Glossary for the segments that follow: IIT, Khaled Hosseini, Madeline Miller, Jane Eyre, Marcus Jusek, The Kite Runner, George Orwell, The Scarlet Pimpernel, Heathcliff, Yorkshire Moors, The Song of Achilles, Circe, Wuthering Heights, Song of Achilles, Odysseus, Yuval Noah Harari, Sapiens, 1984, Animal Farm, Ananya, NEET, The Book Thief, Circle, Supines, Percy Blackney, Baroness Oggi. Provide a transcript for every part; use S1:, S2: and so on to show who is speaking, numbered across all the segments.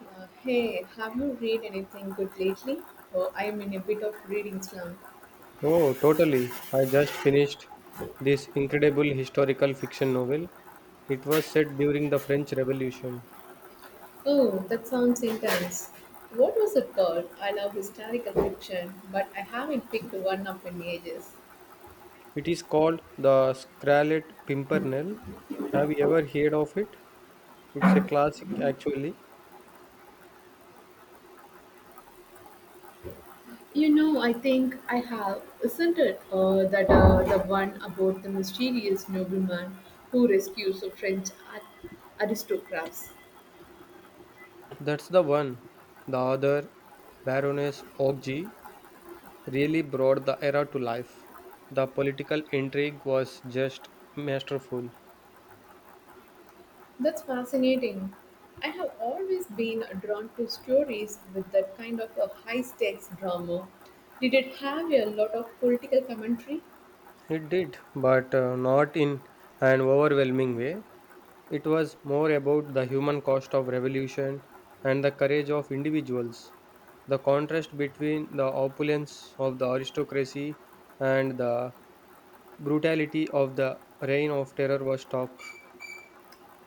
S1: Hey, have you read anything good lately? Oh, I'm in a bit of reading slump.
S2: Oh, totally. I just finished this incredible historical fiction novel. It was set during the French Revolution.
S1: Oh, that sounds intense. What was it called? I love historical fiction, but I haven't picked one up in ages.
S2: It is called The Scarlet Pimpernel. Have you ever heard of it? It's a classic, actually.
S1: You know, I think I have, isn't it? That the one about the mysterious nobleman who rescues a aristocrats.
S2: That's the one. The other, Baroness Oggi, really brought the era to life. The political intrigue was just masterful.
S1: That's fascinating. I have always been drawn to stories with that kind of a high stakes drama. Did it have a lot of political commentary?
S2: It did, but not in an overwhelming way. It was more about the human cost of revolution and the courage of individuals. The contrast between the opulence of the aristocracy and the brutality of the reign of terror was stark.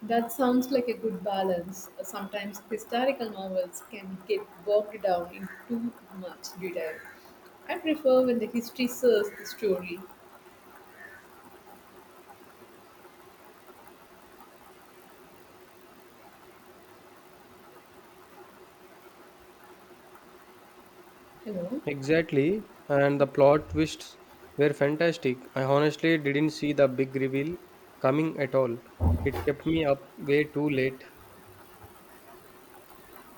S1: That sounds like a good balance. Sometimes historical novels can get bogged down in too much detail. I prefer when the history serves the story, you know.
S2: Exactly, and the plot twists were fantastic. I honestly didn't see the big reveal coming at all. It kept me up way too late.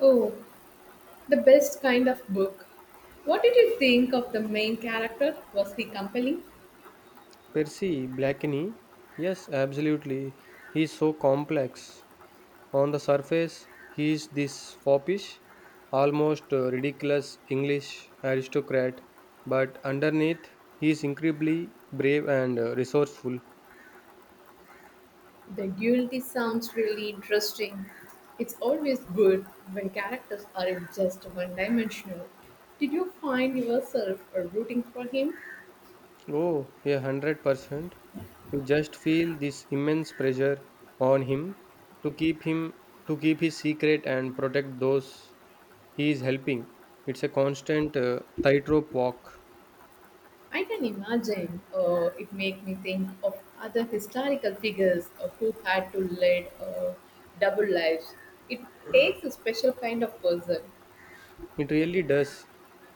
S1: Oh, the best kind of book. What did you think of the main character? Was he compelling?
S2: Percy Blackney? Yes, absolutely. He is so complex. On the surface, he is this foppish, almost ridiculous English aristocrat, but underneath, he is incredibly brave and resourceful.
S1: The duality sounds really interesting. It's always good when characters aren't just one dimensional. Did you find yourself rooting for him?
S2: Oh, 100%. You just feel this immense pressure on him to keep him to keep his secret and protect those he is helping. It's a constant tightrope walk.
S1: I can imagine, it made me think of other historical figures who had to lead, double lives. It takes a special kind of person.
S2: It really does.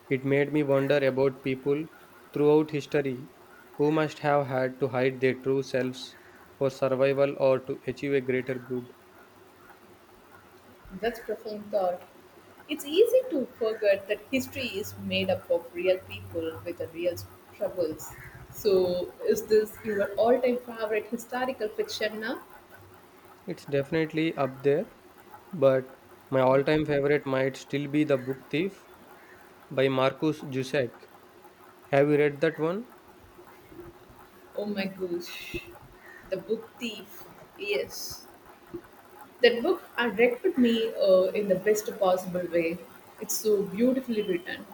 S2: It made me wonder about people throughout history who must have had to hide their true selves for survival or to achieve a greater good.
S1: That's profound thought. It's easy to forget that history is made up of real people with the real troubles. So, is this your all time favorite historical fiction now?
S2: It's definitely up there, but my all time favorite might still be The Book Thief by Marcus Jusek. Have you read that one?
S1: Oh my gosh. The Book Thief. Yes. That book attracted me, in the best possible way. It's so beautifully written.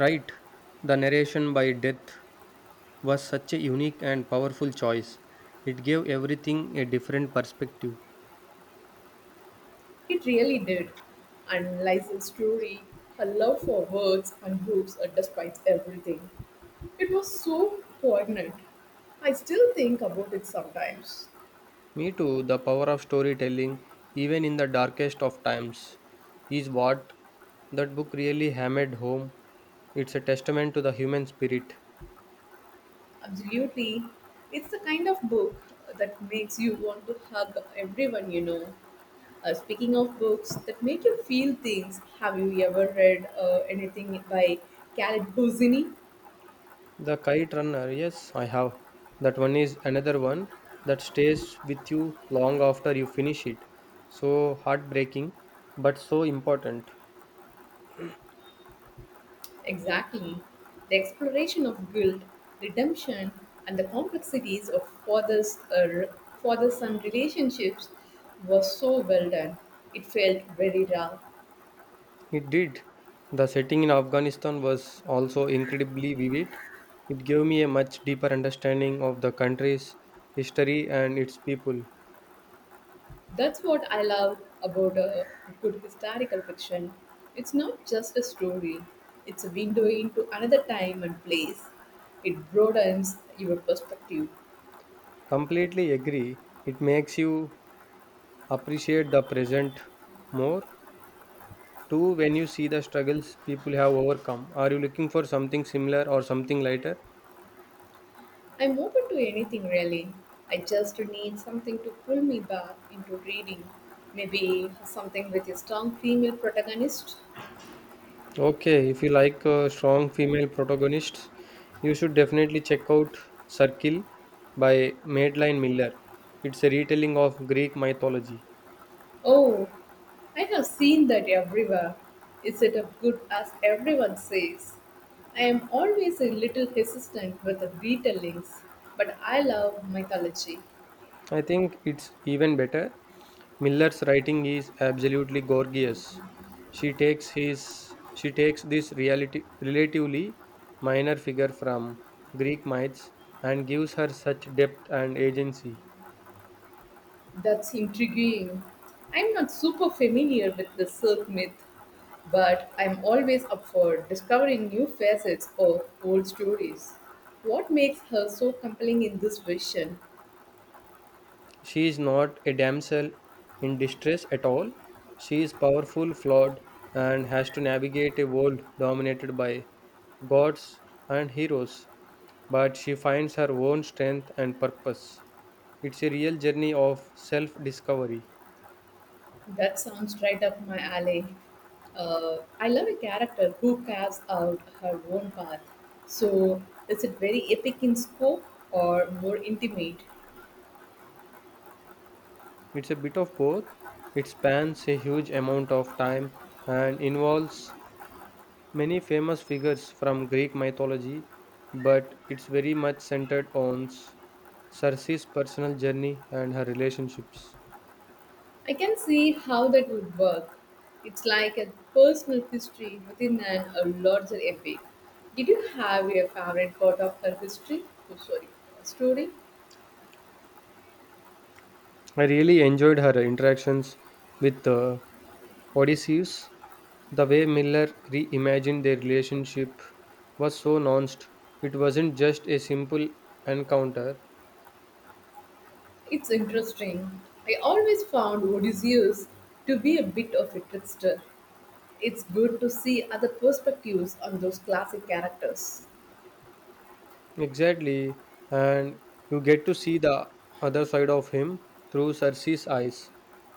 S2: Right. The narration by Death was such a unique and powerful choice. It gave everything a different perspective.
S1: It really did. And Liza's story, her love for words and books, despite everything. It was so poignant. I still think about it sometimes.
S2: Me too, the power of storytelling, even in the darkest of times, is what that book really hammered home. It's a testament to the human spirit.
S1: Absolutely. It's the kind of book that makes you want to hug everyone you know. Speaking of books that make you feel things, have you ever read anything by Khaled Hosseini?
S2: The Kite Runner, yes, I have. That one is another one that stays with you long after you finish it. So heartbreaking, but so important.
S1: Exactly. The exploration of guilt, redemption, and the complexities of father son relationships was so well done. It felt very raw.
S2: It did. The setting in Afghanistan was also incredibly vivid. It gave me a much deeper understanding of the country's history and its people.
S1: That's what I love about a good historical fiction. It's not just a story, it's a window into another time and place. It broadens your perspective.
S2: Completely agree. It makes you appreciate the present more. Too, when you see the struggles people have overcome. Are you looking for something similar or something lighter?
S1: I'm open to anything really. I just need something to pull me back into reading. Maybe something with a strong female protagonist.
S2: Okay, if you like strong female protagonists, you should definitely check out Circle by Madeline Miller. It's a retelling of Greek mythology.
S1: Oh, I have seen that everywhere. Is it as good as everyone says? I am always a little hesitant with the Beatle, but I love mythology.
S2: I think it's even better. Miller's writing is absolutely gorgeous. She takes this reality relatively minor figure from Greek myths and gives her such depth and agency.
S1: That's intriguing. I'm not super familiar with the Cirque myth, but I'm always up for discovering new facets of old stories. What makes her so compelling in this vision?
S2: She is not a damsel in distress at all. She is powerful, flawed, and has to navigate a world dominated by gods and heroes. But she finds her own strength and purpose. It's a real journey of self discovery.
S1: That sounds right up my alley. I love a character who carves out her own path. So, is it very epic in scope or more intimate?
S2: It's a bit of both. It spans a huge amount of time and involves many famous figures from Greek mythology, but it's very much centered on Circe's personal journey and her relationships.
S1: I can see how that would work. It's like a personal history within a larger epic. Did you have a favorite part of her history? Oh, sorry, story?
S2: I really enjoyed her interactions with Odysseus. The way Miller reimagined their relationship was so nuanced. It wasn't just a simple encounter.
S1: It's interesting. I always found Odysseus to be a bit of a trickster. It's good to see other perspectives on those classic characters.
S2: Exactly, and you get to see the other side of him through Cersei's eyes.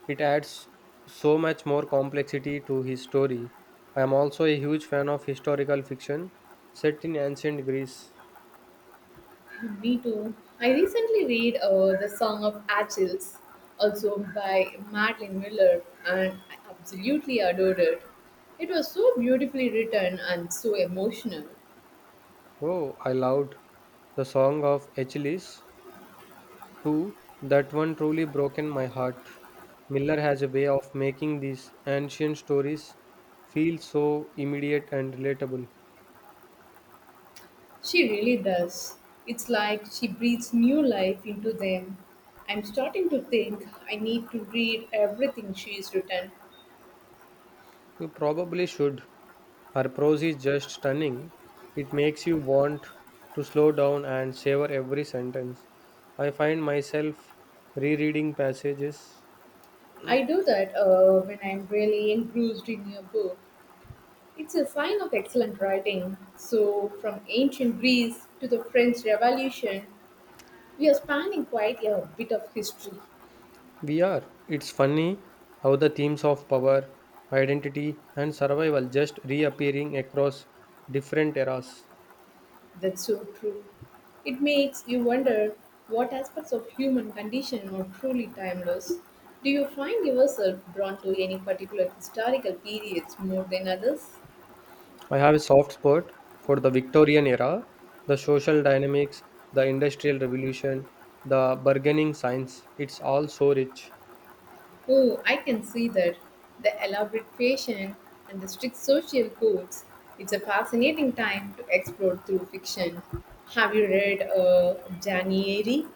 S2: It adds so much more complexity to his story. I am also a huge fan of historical fiction set in ancient Greece.
S1: Me too. I recently read, The Song of Achilles, also by Madeline Miller, and I absolutely adored it. It was so beautifully written and so emotional.
S2: Oh, I loved the Song of Achilles too. That one truly broken my heart. Miller has a way of making these ancient stories feel so immediate and relatable.
S1: She really does. It's like she breathes new life into them. I'm starting to think I need to read everything she's written.
S2: You probably should. Her prose is just stunning. It makes you want to slow down and savor every sentence. I find myself rereading passages.
S1: I do that when I'm really engrossed in a book. It's a sign of excellent writing. So, from ancient Greece to the French Revolution, we are spanning quite a bit of history.
S2: We are. It's funny how the themes of power, identity, and survival just reappearing across different eras.
S1: That's so true. It makes you wonder what aspects of human condition are truly timeless. Do you find yourself drawn to any particular historical periods more than others?
S2: I have a soft spot for the Victorian era, the social dynamics, the industrial revolution, the bargaining science. It's all so rich.
S1: Oh, I can see that. The elaborate fashion and the strict social codes. It's a fascinating time to explore through fiction. Have you read, Jani Eyre?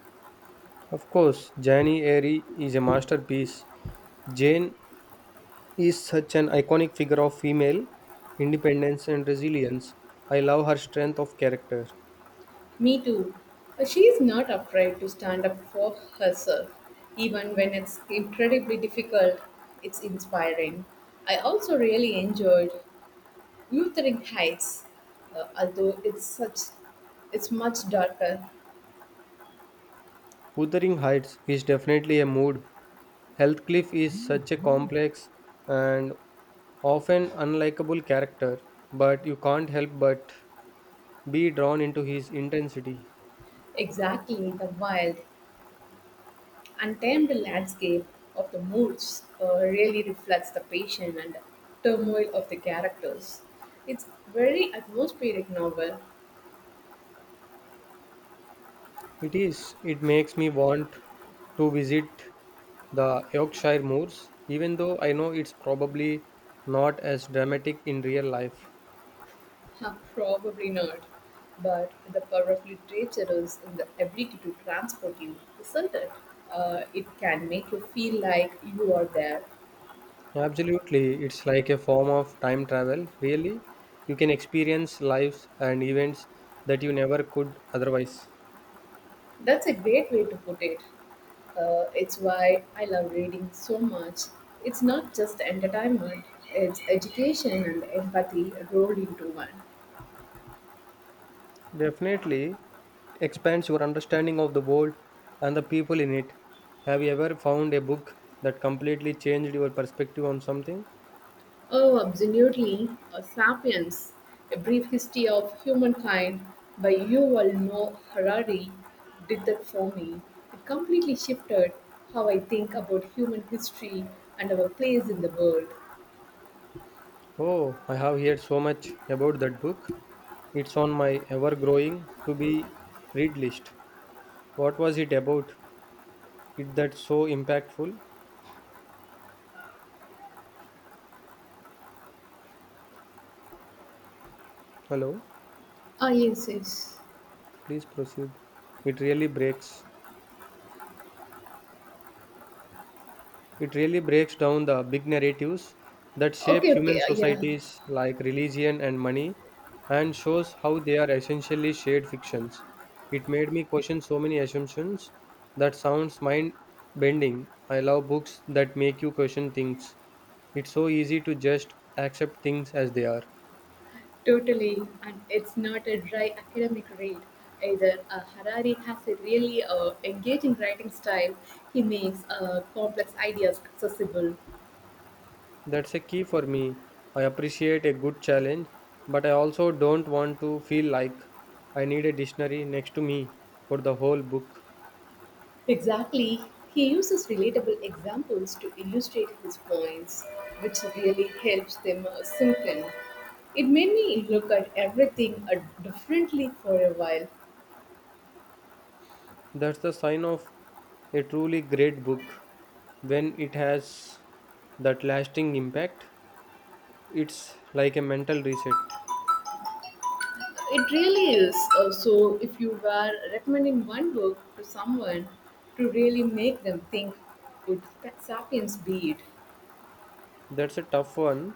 S2: Of course, Jane Eyre is a masterpiece. Jane is such an iconic figure of female independence and resilience. I love her strength of character.
S1: Me too. She is not afraid to stand up for herself, even when it's incredibly difficult. It's inspiring. I also really enjoyed Wuthering Heights, although it's such it's much darker.
S2: Wuthering Heights is definitely a mood. Heathcliff is such a complex and often unlikable character, but you can't help but be drawn into his intensity.
S1: Exactly, the wild untamed landscape of the moods really reflects the passion and turmoil of the characters. It's very atmospheric novel.
S2: It is. It makes me want to visit the Yorkshire Moors, even though I know it's probably not as dramatic in real life.
S1: Huh, probably not, but the power of literature is in the ability to transport you, isn't it? It can make you feel like you are there.
S2: Absolutely, it's like a form of time travel, really. You can experience lives and events that you never could otherwise.
S1: That's a great way to put it. It's why I love reading so much. It's not just entertainment, it's education and empathy rolled into one.
S2: Definitely expands your understanding of the world and the people in it. Have you ever found a book that completely changed your perspective on something?
S1: Oh, absolutely. Sapiens, A Brief History of Humankind by Yuval Noah Harari did that for me. It completely shifted how I think about human history and our place in the world.
S2: Oh, I have heard so much about that book. It's on my ever growing to be read list. What was it about? It that's so impactful. Hello,
S1: Ah, yes, yes.
S2: please proceed. It really breaks. It really breaks down the big narratives that shape
S1: Okay, okay,
S2: human
S1: yeah,
S2: societies like religion and money and shows how they are essentially shared fictions. It made me question so many assumptions that sounds mind bending. I love books that make you question things. It's so easy to just accept things as they are.
S1: totally. And it's not a dry academic read either. Harari has a really engaging writing style. He makes complex ideas accessible.
S2: That's a key for me. I appreciate a good challenge, but I also don't want to feel like I need a dictionary next to me for the whole book.
S1: Exactly. He uses relatable examples to illustrate his points, which really helps them sink in. It made me look at everything differently for a while.
S2: That's the sign of a truly great book. When it has that lasting impact, it's like a mental reset.
S1: It really is. So, if you were recommending one book to someone to really make them think, would Sapiens be it?
S2: That's a tough one.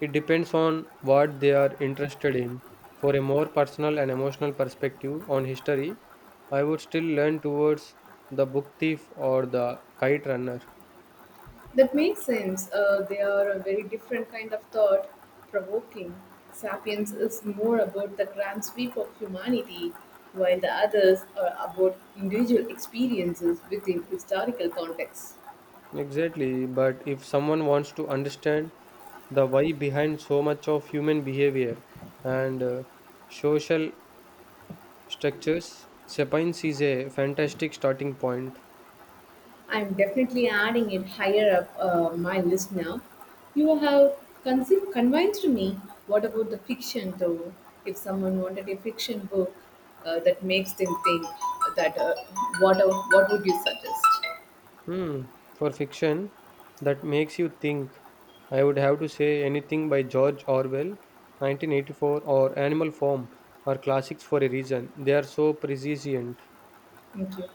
S2: It depends on what they are interested in. For a more personal and emotional perspective on history, I would still lean towards The Book Thief or The Kite Runner.
S1: That makes sense. They are a very different kind of thought provoking. Sapiens is more about the grand sweep of humanity, while the others are about individual experiences within historical contexts.
S2: Exactly, but if someone wants to understand the why behind so much of human behavior and social structures. Supines is a fantastic starting point.
S1: I'm definitely adding it higher up my list now. You have convinced me. What about the fiction, though? If someone wanted a fiction book that makes them think, what would you suggest?
S2: Hmm, for fiction that makes you think. I would have to say anything by George Orwell, 1984, or Animal Farm are classics for a reason. They are so prescient.
S1: Thank you.